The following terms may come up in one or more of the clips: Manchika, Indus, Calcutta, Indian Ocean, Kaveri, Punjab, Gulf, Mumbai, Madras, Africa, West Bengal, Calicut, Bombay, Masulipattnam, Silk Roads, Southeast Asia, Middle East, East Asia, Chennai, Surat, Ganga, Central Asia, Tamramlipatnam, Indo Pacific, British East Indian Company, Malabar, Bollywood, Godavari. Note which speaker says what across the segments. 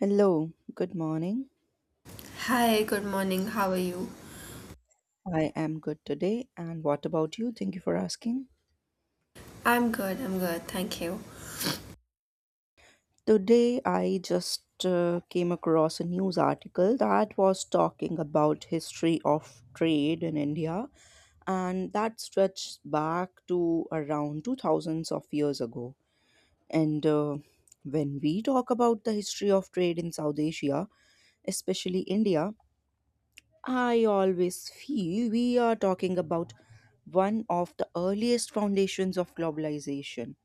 Speaker 1: Hello, good morning.
Speaker 2: Hi, good morning. How are you?
Speaker 1: I am good today. And what about you? Thank you for asking.
Speaker 2: I'm good. Thank you.
Speaker 1: Today, I just came across a news article that was talking about history of trade in India, and that stretched back to around two thousands of years ago. And When we talk about the history of trade in South Asia, especially India, I always feel we are talking about one of the earliest foundations of globalization.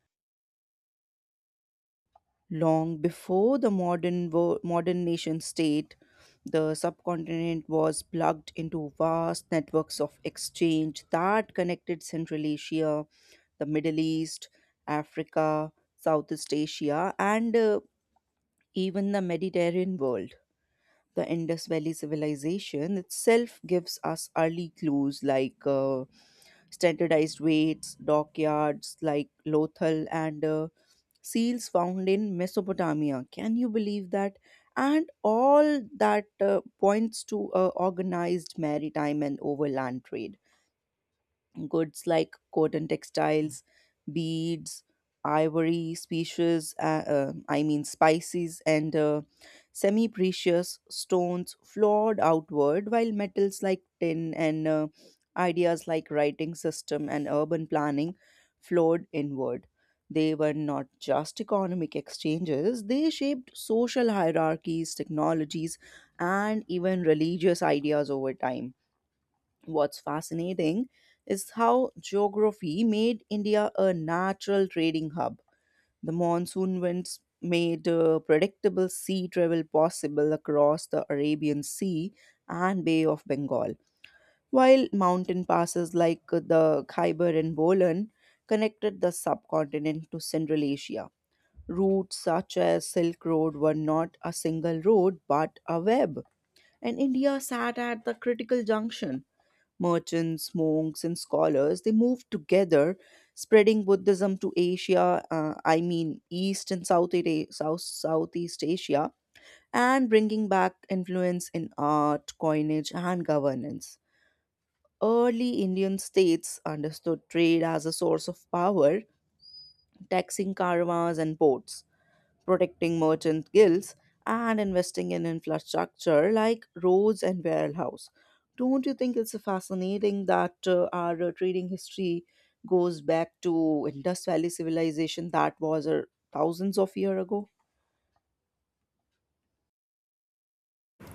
Speaker 1: Long before the modern nation state, the subcontinent was plugged into vast networks of exchange that connected Central Asia, the Middle East, Africa, Southeast Asia, and even the Mediterranean world. The Indus Valley civilization itself gives us early clues like standardized weights, dockyards like Lothal, and seals found in Mesopotamia. Can you believe that? And all that points to organized maritime and overland trade goods like cotton textiles, beads, ivory, species, I mean spices, and semi precious stones flowed outward, while metals like tin and ideas like writing system and urban planning flowed inward. They were not just economic exchanges, they shaped social hierarchies, technologies, and even religious ideas over time. What's fascinating is how geography made India a natural trading hub. The monsoon winds made predictable sea travel possible across the Arabian Sea and Bay of Bengal, while mountain passes like the Khyber and Bolan connected the subcontinent to Central Asia. Routes such as Silk Road were not a single road but a web, and India sat at the critical junction. Merchants, monks, and scholars, they moved together, spreading Buddhism to East and South, Southeast Asia, and bringing back influence in art, coinage, and governance. Early Indian states understood trade as a source of power, taxing caravans and ports, protecting merchant guilds, and investing in infrastructure like roads and warehouse. Don't you think it's fascinating that our trading history goes back to Indus Valley civilization that was thousands of years ago?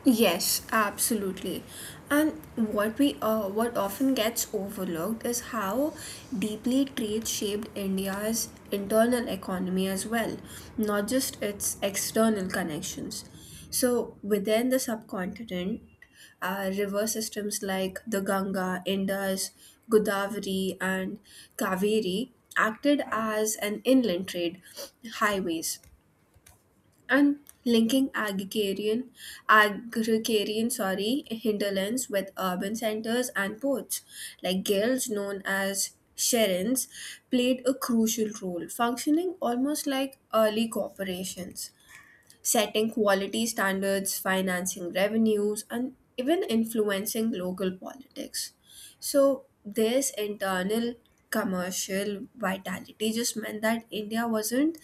Speaker 2: Yes, absolutely. And what we what often gets overlooked is how deeply trade shaped India's internal economy as well, not just its external connections. So within the subcontinent, river systems like the Ganga, Indus, Godavari, and Kaveri acted as an inland trade highways and linking agrarian sorry hinterlands with urban centers and ports like guilds known as sherins played a crucial role, functioning almost like early corporations, setting quality standards, financing revenues, and even influencing local politics. So this internal commercial vitality just meant that India wasn't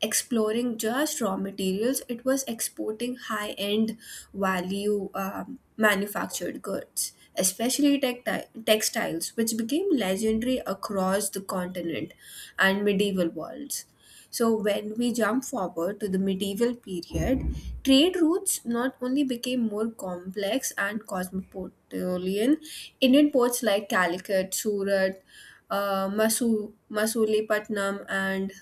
Speaker 2: exploring just raw materials, it was exporting high end value manufactured goods, especially textiles, which became legendary across the continent and medieval worlds. So, when we jump forward to the medieval period, trade routes not only became more complex and cosmopolitan, Indian ports like Calicut, Surat, Masulipattnam, and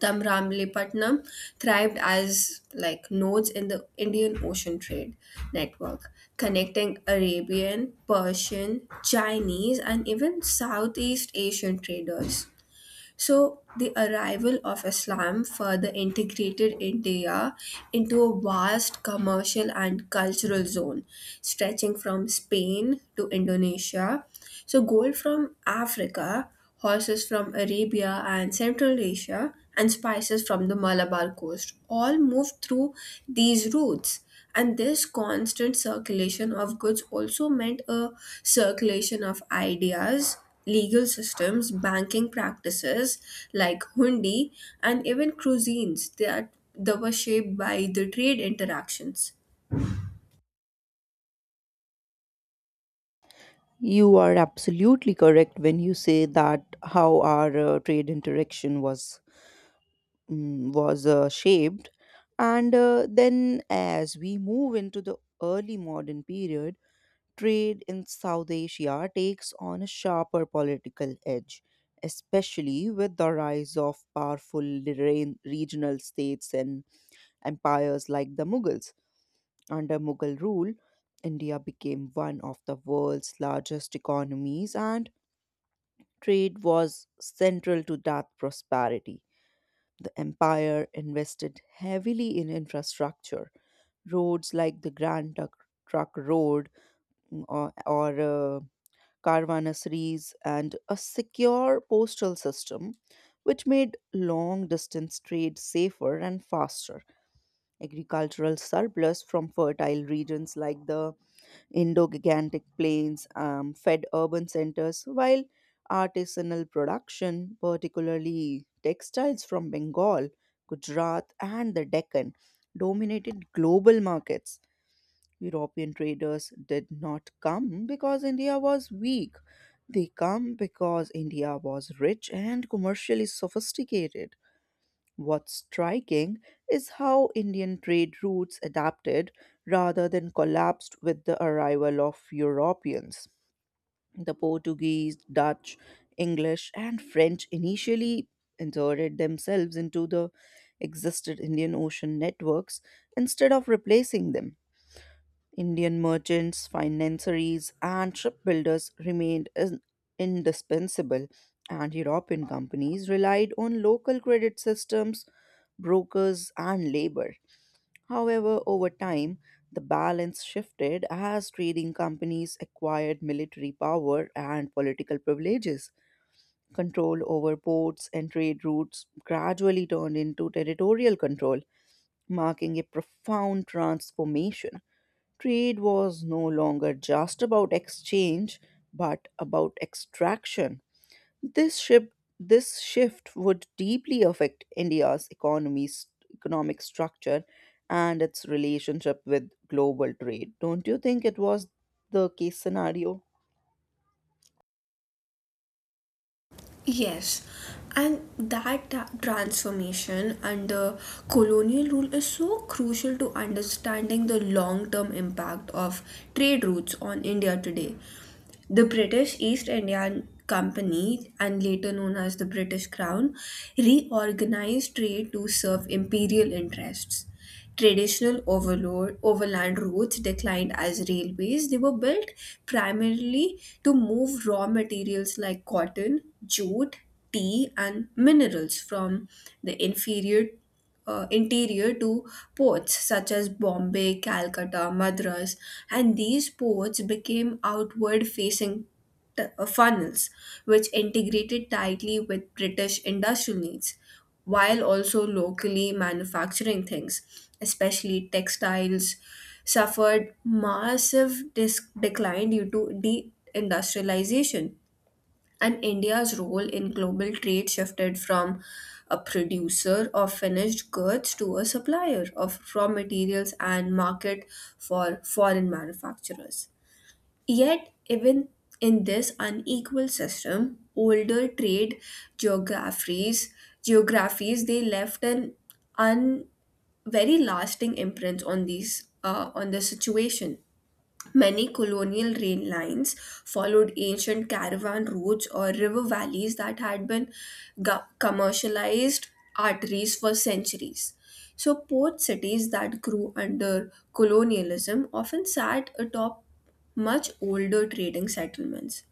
Speaker 2: Tamramlipatnam thrived as like nodes in the Indian Ocean trade network, connecting Arabian, Persian, Chinese, and even Southeast Asian traders. So, the arrival of Islam further integrated India into a vast commercial and cultural zone, stretching from Spain to Indonesia. So, gold from Africa, horses from Arabia and Central Asia, and spices from the Malabar coast all moved through these routes. And this constant circulation of goods also meant a circulation of ideas, legal systems, banking practices like hundi, and even cuisines that were shaped by the trade interactions.
Speaker 1: You are absolutely correct when you say that how our trade interaction was shaped, and then as we move into the early modern period, trade in South Asia takes on a sharper political edge, especially with the rise of powerful regional states and empires like the Mughals. Under Mughal rule, India became one of the world's largest economies, and trade was central to that prosperity. The empire invested heavily in infrastructure. Roads like the Grand Trunk Trunk Road mm, or caravansaries, and a secure postal system, which made long distance trade safer and faster. Agricultural surplus from fertile regions like the Indo Gigantic Plains fed urban centers, while artisanal production, particularly textiles from Bengal, Gujarat, and the Deccan, dominated global markets. European traders did not come because India was weak. They come because India was rich and commercially sophisticated. What's striking is how Indian trade routes adapted rather than collapsed with the arrival of Europeans. The Portuguese, Dutch, English, and French initially inserted themselves into the existed Indian Ocean networks instead of replacing them. Indian merchants, financiers, and shipbuilders indispensable, and European companies relied on local credit systems, brokers, and labor. However, over time, the balance shifted as trading companies acquired military power and political privileges. Control over ports and trade routes gradually turned into territorial control, marking a profound transformation. Trade was no longer just about exchange, but about extraction. This shift, this shift would deeply affect India's economy's economic structure and its relationship with global trade. Don't you think it was the case scenario?
Speaker 2: Yes, and that transformation under colonial rule is so crucial to understanding the long term impact of trade routes on India today. The British East Indian Company, and later known as the British Crown, reorganized trade to serve imperial interests. Traditional overload, overland routes declined as railways. They were built primarily to move raw materials like cotton, jute, tea, and minerals from the inferior interior to ports such as Bombay, Calcutta, Madras, and these ports became outward facing funnels which integrated tightly with British industrial needs, while also locally manufacturing things, especially textiles, suffered massive decline due to deindustrialization. And India's role in global trade shifted from a producer of finished goods to a supplier of raw materials and market for foreign manufacturers. Yet, even in this unequal system, older trade geographies geographies they left an un very lasting imprint on these on the situation. Many colonial rail lines followed ancient caravan routes or river valleys that had been commercialized arteries for centuries. So, port cities that grew under colonialism often sat atop much older trading settlements,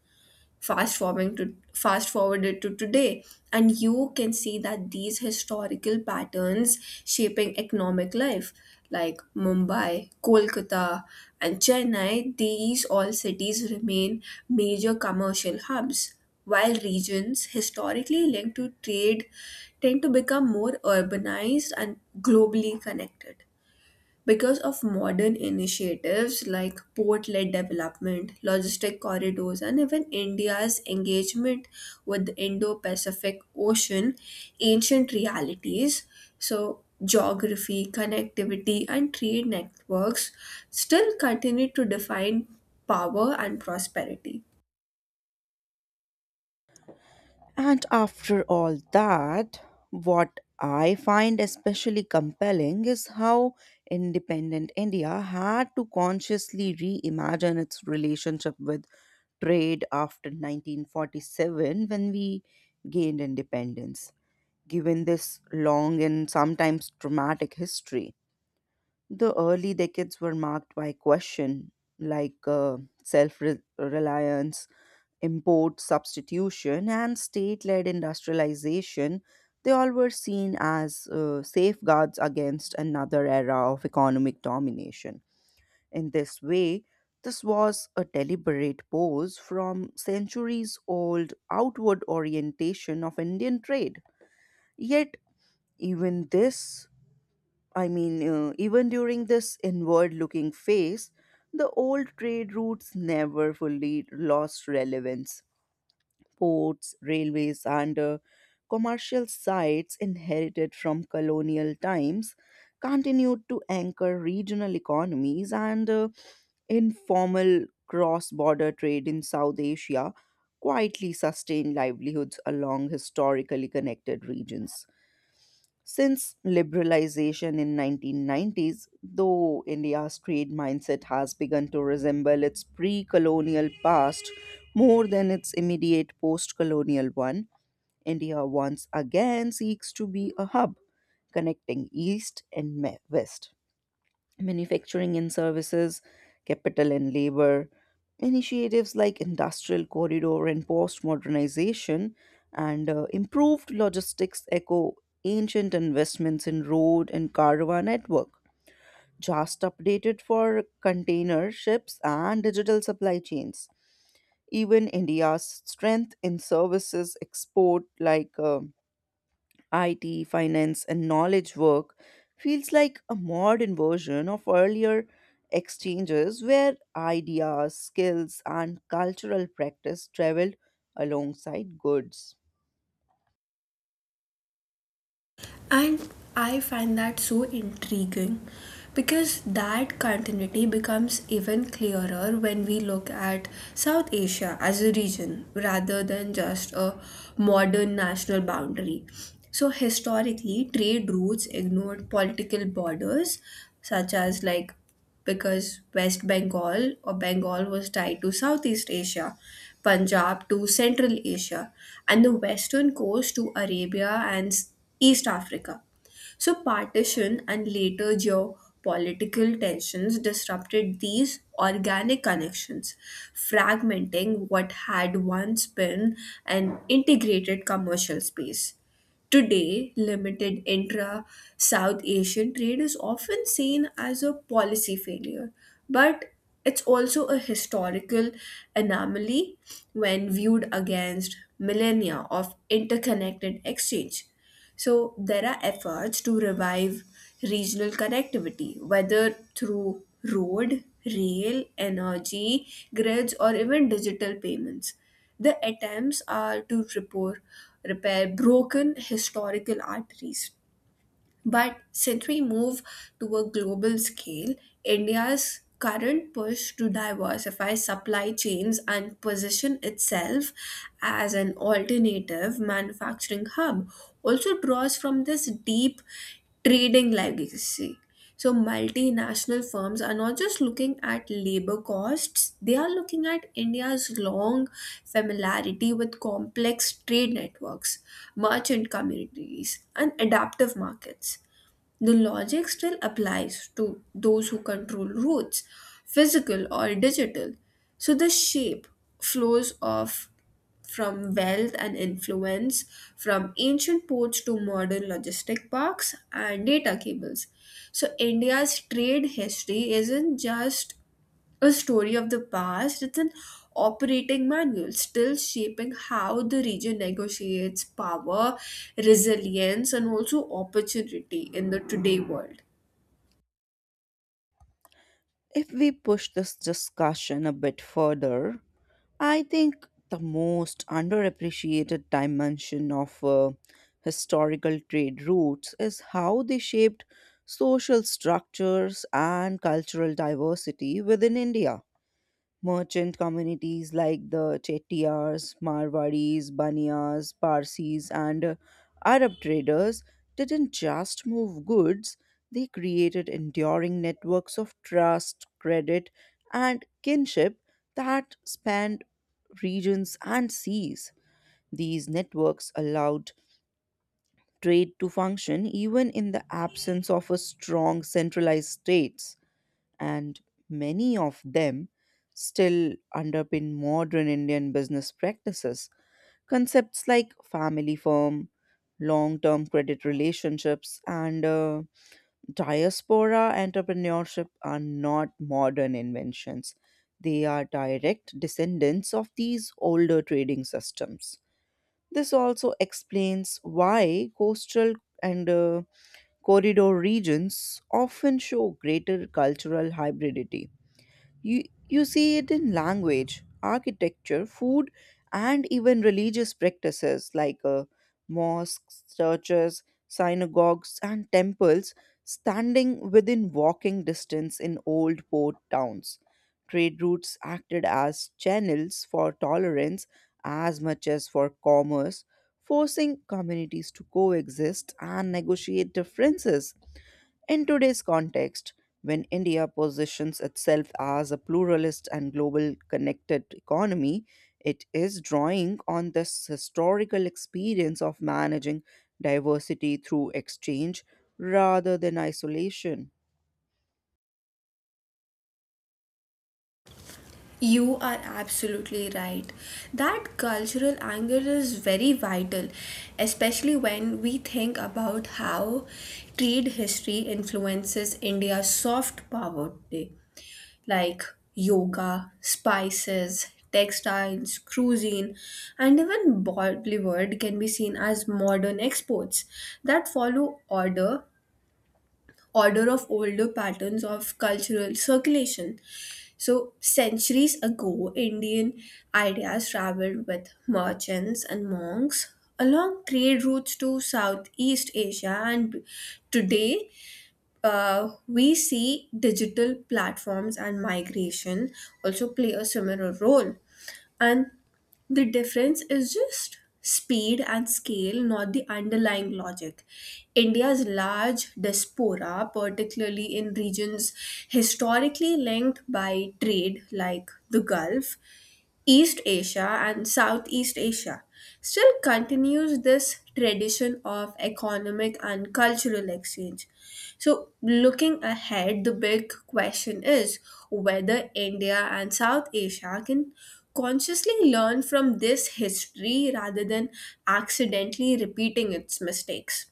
Speaker 2: fast forwarding to fast forwarded to today, and you can see that these historical patterns shaping economic life like Mumbai, Kolkata, and Chennai, these all cities remain major commercial hubs, while regions historically linked to trade tend to become more urbanized and globally connected because of modern initiatives like port led development, logistic corridors, and even India's engagement with the Indo Pacific Ocean, ancient realities, so geography, connectivity, and trade networks still continue to define power and prosperity.
Speaker 1: And after all that, what I find especially compelling is how independent India had to consciously reimagine its relationship with trade after 1947 when we gained independence. Given this long and sometimes traumatic history, the early decades were marked by question like self reliance, import substitution, and state led industrialization. They all were seen as safeguards against another era of economic domination. In this way, this was a deliberate pose from centuries old outward orientation of Indian trade. Yet, even this, even during this inward looking phase, the old trade routes never fully lost relevance. Ports, railways, and commercial sites inherited from colonial times continued to anchor regional economies and informal cross border trade in South Asia quietly sustained livelihoods along historically connected regions. Since liberalization in 1990s, though India's trade mindset has begun to resemble its pre-colonial past more than its immediate post-colonial one, India once again seeks to be a hub connecting east and west, manufacturing and services, capital and labor, initiatives like industrial corridor and post modernization, and improved logistics echo ancient investments in road and caravan network, just updated for container ships and digital supply chains. Even India's strength in services export like IT, finance, and knowledge work feels like a modern version of earlier exchanges where ideas, skills, and cultural practice traveled alongside goods.
Speaker 2: And I find that so intriguing because that continuity becomes even clearer when we look at South Asia as a region rather than just a modern national boundary. So historically, trade routes ignored political borders, such as like because West Bengal or Bengal was tied to Southeast Asia, Punjab to Central Asia, and the western coast to Arabia and East Africa. So, partition and later geopolitical tensions disrupted these organic connections, fragmenting what had once been an integrated commercial space. Today, limited intra South Asian trade is often seen as a policy failure, but it's also a historical anomaly when viewed against millennia of interconnected exchange. So there are efforts to revive regional connectivity, whether through road, rail, energy, grids, or even digital payments. The attempts are to repair broken historical arteries, but since we move to a global scale, India's current push to diversify supply chains and position itself as an alternative manufacturing hub also draws from this deep trading legacy. So multinational firms are not just looking at labor costs, they are looking at India's long familiarity with complex trade networks, merchant communities, and adaptive markets. The logic still applies to those who control routes, physical or digital. So the shape flows off from wealth and influence, from ancient ports to modern logistic parks and data cables. So India's trade history isn't just a story of the past, it's an operating manual still shaping how the region negotiates power, resilience, and also opportunity in the today world.
Speaker 1: If we push this discussion a bit further, I think the most underappreciated dimension of historical trade routes is how they shaped social structures and cultural diversity within India. Merchant communities like the Chettiars, Marwadis, Baniyas, Parsis, and Arab traders didn't just move goods, they created enduring networks of trust, credit, and kinship that spanned regions and seas. These networks allowed trade to function even in the absence of a strong centralized state, and many of them still underpin modern Indian business practices. Concepts like family firm, long term credit relationships, and diaspora entrepreneurship are not modern inventions. They are direct descendants of these older trading systems. This also explains why coastal and corridor regions often show greater cultural hybridity. You see it in language, architecture, food, and even religious practices like mosques, churches, synagogues, and temples standing within walking distance in old port towns. Trade routes acted as channels for tolerance as much as for commerce, forcing communities to coexist and negotiate differences. In today's context, when India positions itself as a pluralist and global connected economy, it is drawing on this historical experience of managing diversity through exchange rather than isolation.
Speaker 2: You are absolutely right. That cultural angle is very vital, especially when we think about how trade history influences India's soft power today. Like yoga, spices, textiles, cuisine, and even Bollywood can be seen as modern exports that follow order of older patterns of cultural circulation. So centuries ago, Indian ideas traveled with merchants and monks along trade routes to Southeast Asia, and today we see digital platforms and migration also play a similar role. And the difference is just speed and scale, not the underlying logic. India's large diaspora, particularly in regions historically linked by trade like the Gulf, East Asia, and Southeast Asia, still continues this tradition of economic and cultural exchange. So, looking ahead, the big question is whether India and South Asia can consciously learn from this history rather than accidentally repeating its mistakes,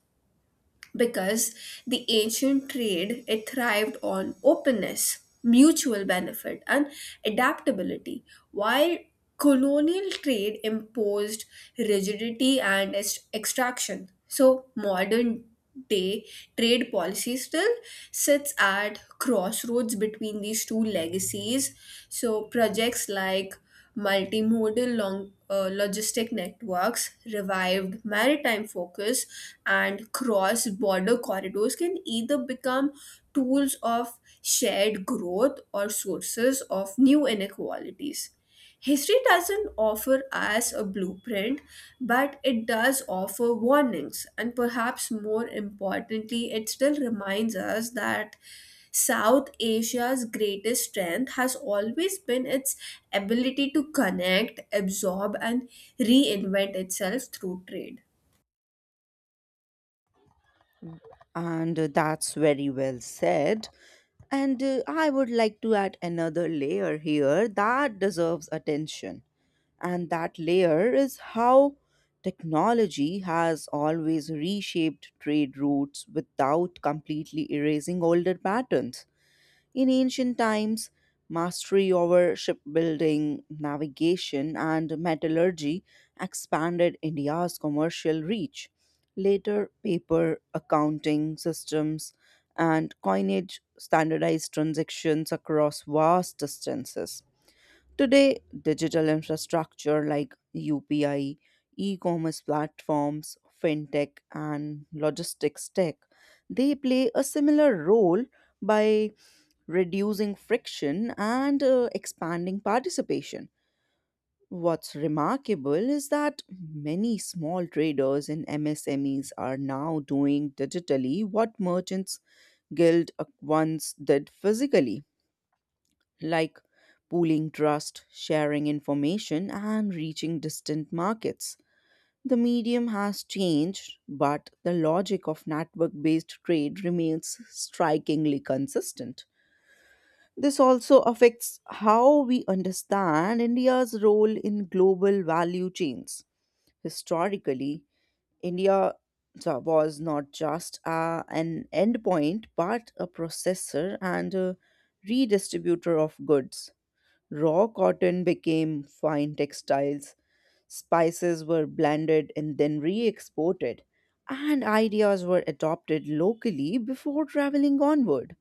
Speaker 2: because the ancient trade it thrived on openness, mutual benefit, and adaptability, while colonial trade imposed rigidity and extraction. So modern day trade policy still sits at crossroads between these two legacies. So projects like multimodal logistic networks, revived maritime focus, and cross border corridors can either become tools of shared growth or sources of new inequalities. History doesn't offer us a blueprint, but it does offer warnings, and perhaps more importantly, it still reminds us that South Asia's greatest strength has always been its ability to connect, absorb, and reinvent itself through trade.
Speaker 1: And that's very well said. And I would like to add another layer here that deserves attention. And that layer is how technology has always reshaped trade routes without completely erasing older patterns. In ancient times, mastery over shipbuilding, navigation, and metallurgy expanded India's commercial reach. Later, paper, accounting systems, and coinage standardized transactions across vast distances. Today, digital infrastructure like UPI, e commerce platforms, fintech, and logistics tech, they play a similar role by reducing friction and expanding participation. What's remarkable is that many small traders and MSMEs are now doing digitally what merchants guild once did physically, like pooling trust, sharing information, and reaching distant markets. The medium has changed, but the logic of network based trade remains strikingly consistent. This also affects how we understand India's role in global value chains. Historically, India was not just an endpoint, but a processor and a redistributor of goods. Raw cotton became fine textiles, spices were blended and then re exported, and ideas were adopted locally before traveling onward.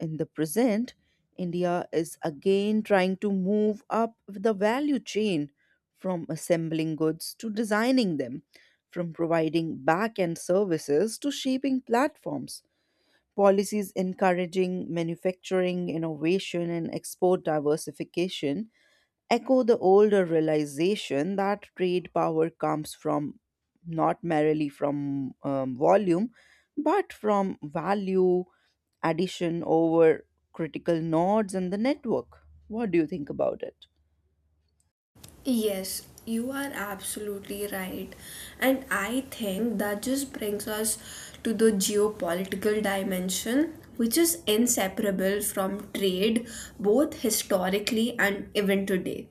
Speaker 1: In the present, India is again trying to move up the value chain from assembling goods to designing them, from providing back end services to shaping platforms. Policies encouraging manufacturing, innovation, and export diversification echo the older realization that trade power comes from not merely from volume but from value addition over critical nodes in the network. What do you think about it?
Speaker 2: Yes, you are absolutely right. And I think that just brings us to the geopolitical dimension, which is inseparable from trade, both historically and even today.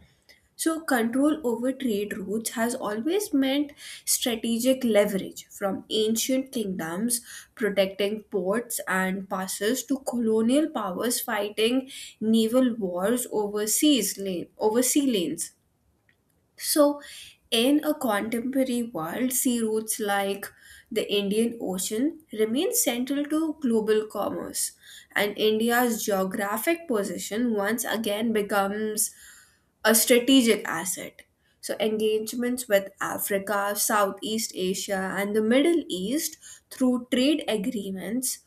Speaker 2: So, control over trade routes has always meant strategic leverage, from ancient kingdoms protecting ports and passes to colonial powers fighting naval wars over seas lane, over sea lanes. So, in a contemporary world, sea routes like the Indian Ocean remain central to global commerce, and India's geographic position once again becomes a strategic asset. So, engagements with Africa, Southeast Asia, and the Middle East through trade agreements,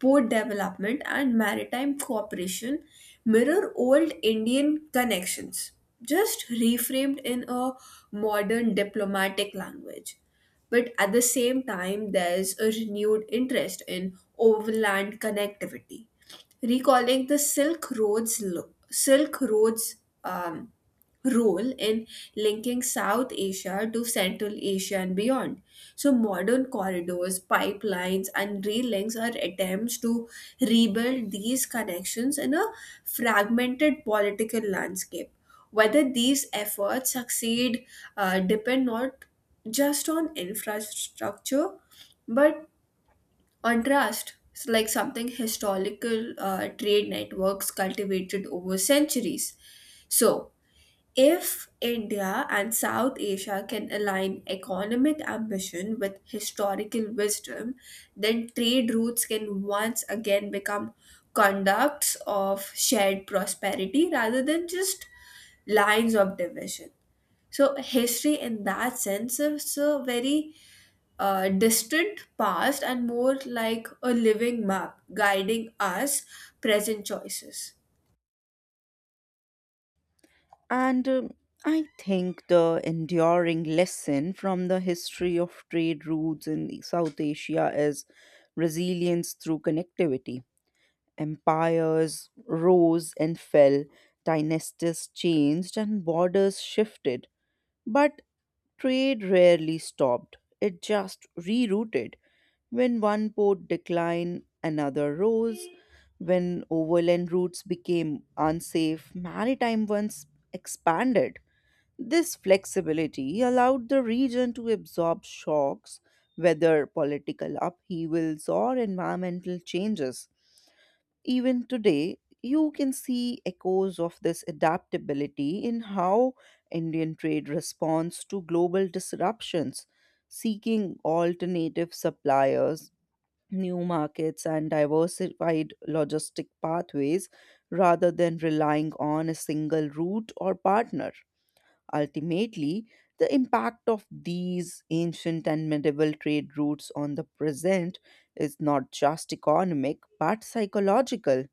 Speaker 2: port development, and maritime cooperation mirror old Indian connections, just reframed in a modern diplomatic language. But at the same time, there's a renewed interest in overland connectivity, recalling the Silk Roads um, role in linking South Asia to Central Asia and beyond. So, modern corridors, pipelines, and rail links are attempts to rebuild these connections in a fragmented political landscape. Whether these efforts succeed depend not just on infrastructure but on trust. So like something historical trade networks cultivated over centuries. So, if India and South Asia can align economic ambition with historical wisdom, then trade routes can once again become conducts of shared prosperity rather than just lines of division. So, history in that sense is a very distant past and more like a living map guiding us present choices.
Speaker 1: And I think the enduring lesson from the history of trade routes in South Asia is resilience through connectivity. Empires rose and fell, dynasties changed, and borders shifted. But trade rarely stopped, it just rerouted. When one port declined, another rose. When overland routes became unsafe, maritime ones expanded. This flexibility allowed the region to absorb shocks, whether political upheavals or environmental changes. Even today, you can see echoes of this adaptability in how Indian trade responds to global disruptions, seeking alternative suppliers, new markets, and diversified logistic pathways rather than relying on a single route or partner. Ultimately, the impact of these ancient and medieval trade routes on the present is not just economic but psychological.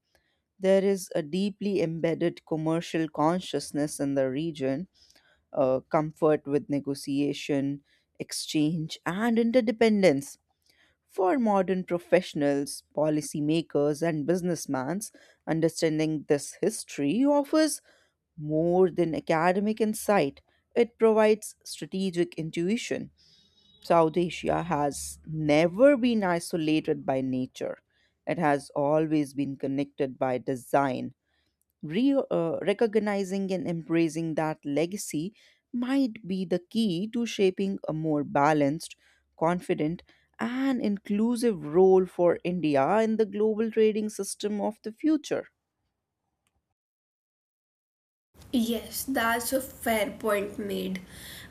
Speaker 1: There is a deeply embedded commercial consciousness in the region, comfort with negotiation, exchange, and interdependence. For modern professionals, policymakers, and businessmen, understanding this history offers more than academic insight. It provides strategic intuition. South Asia has never been isolated by nature. It has always been connected by design. Recognizing and embracing that legacy might be the key to shaping a more balanced, confident, and inclusive role for India in the global trading system of the future.
Speaker 2: Yes, that's a fair point made.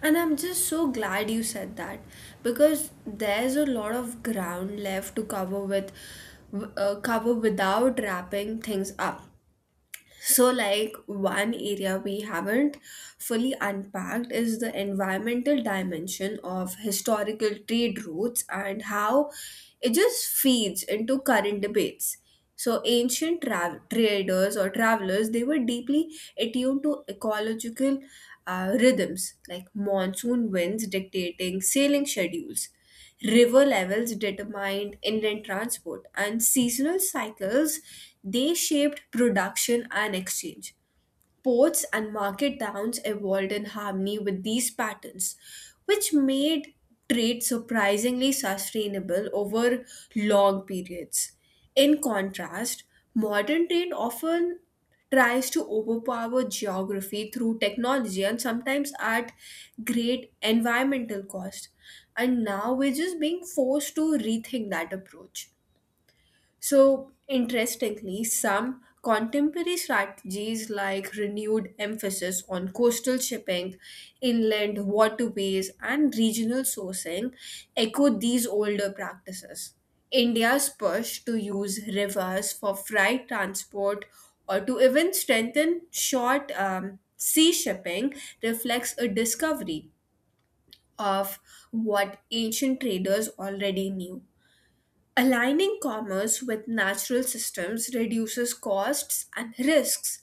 Speaker 2: And I'm just so glad you said that because there's a lot of ground left to cover with cover without wrapping things up. So, like one area we haven't fully unpacked is the environmental dimension of historical trade routes and how it just feeds into current debates. So, ancient traders or travelers, they were deeply attuned to ecological rhythms, like monsoon winds dictating sailing schedules. River levels determined inland transport, and seasonal cycles they shaped production and exchange. Ports and market towns evolved in harmony with these patterns, which made trade surprisingly sustainable over long periods. In contrast, modern trade often tries to overpower geography through technology and sometimes at great environmental cost. And now we're just being forced to rethink that approach. So, interestingly, some contemporary strategies like renewed emphasis on coastal shipping, inland waterways, and regional sourcing echo these older practices. India's push to use rivers for freight transport or to even strengthen short sea shipping reflects a discovery of what ancient traders already knew. Aligning commerce with natural systems reduces costs and risks,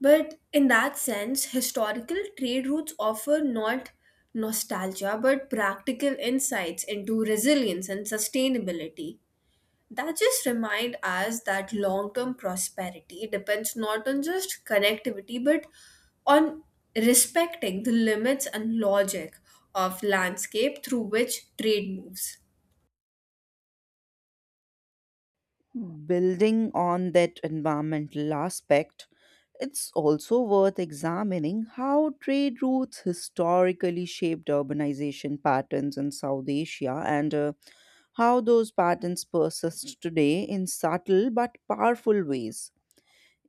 Speaker 2: but in that sense, historical trade routes offer not nostalgia but practical insights into resilience and sustainability. That just remind us that long-term prosperity depends not on just connectivity but on respecting the limits and logic of landscape through which trade moves.
Speaker 1: Building on that environmental aspect, it's also worth examining how trade routes historically shaped urbanization patterns in South Asia and how those patterns persist today in subtle but powerful ways.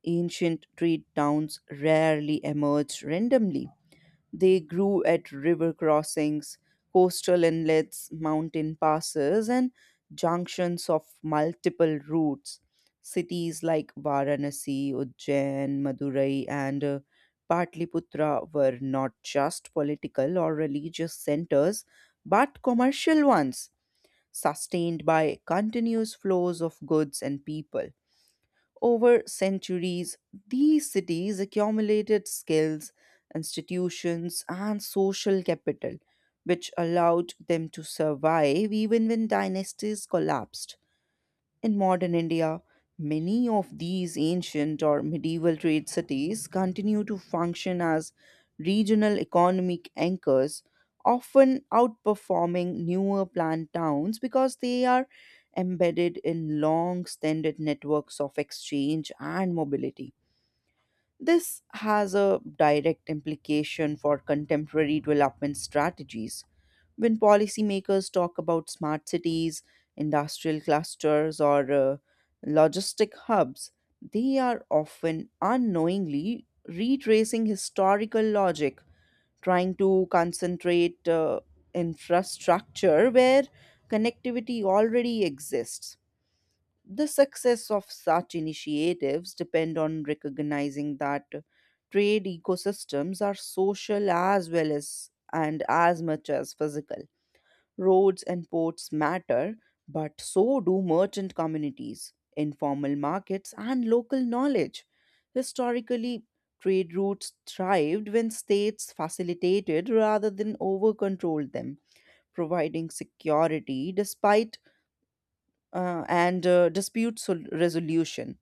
Speaker 1: Ancient trade towns rarely emerged randomly. They grew at river crossings, coastal inlets, mountain passes, and junctions of multiple routes. Cities like Varanasi, Ujjain, Madurai, and Patliputra were not just political or religious centers, but commercial ones, sustained by continuous flows of goods and people. Over centuries, these cities accumulated skills, institutions, and social capital, which allowed them to survive even when dynasties collapsed. In modern India, many of these ancient or medieval trade cities continue to function as regional economic anchors, often outperforming newer planned towns because they are embedded in long standard networks of exchange and mobility. This has a direct implication for contemporary development strategies. When policymakers talk about smart cities, industrial clusters, or logistic hubs, they are often unknowingly retracing historical logic, trying to concentrate infrastructure where connectivity already exists. The success of such initiatives depend on recognizing that trade ecosystems are social as well as and as much as physical. Roads and ports matter, but so do merchant communities, informal markets, and local knowledge. Historically, trade routes thrived when states facilitated rather than over controlled them, providing security despite and resolution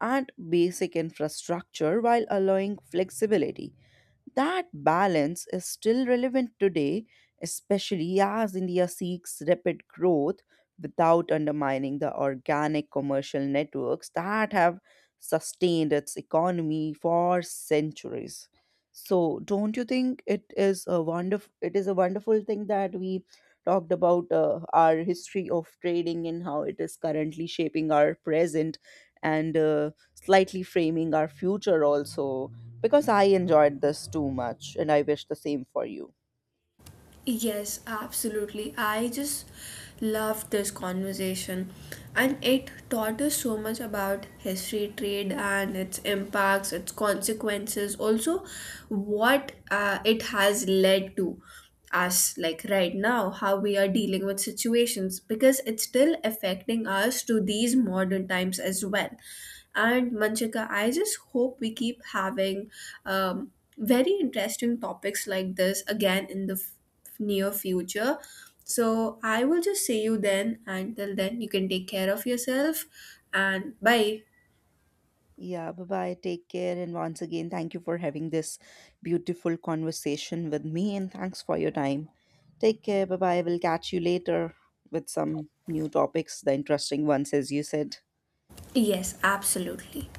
Speaker 1: and basic infrastructure while allowing flexibility. That balance is still relevant today, especially as India seeks rapid growth without undermining the organic commercial networks that have sustained its economy for centuries. So, don't you think it is a wonderful thing that we talked about our history of trading and how it is currently shaping our present and slightly framing our future also, because I enjoyed this too much and I wish the same for you.
Speaker 2: Yes, absolutely. I just loved this conversation, and it taught us so much about history, trade, and its impacts, its consequences, also what it has led to us, like right now, how we are dealing with situations, because it's still affecting us to these modern times as well. And Manchika, I just hope we keep having um, very interesting topics like this again in the near future. So I will just see you then. Until then, you can take care of yourself and bye.
Speaker 1: Yeah, bye bye. Take care. And once again, thank you for having this beautiful conversation with me and thanks for your time. Take care. Bye bye. We'll catch you later with some new topics, the interesting ones, as you said.
Speaker 2: Yes, absolutely.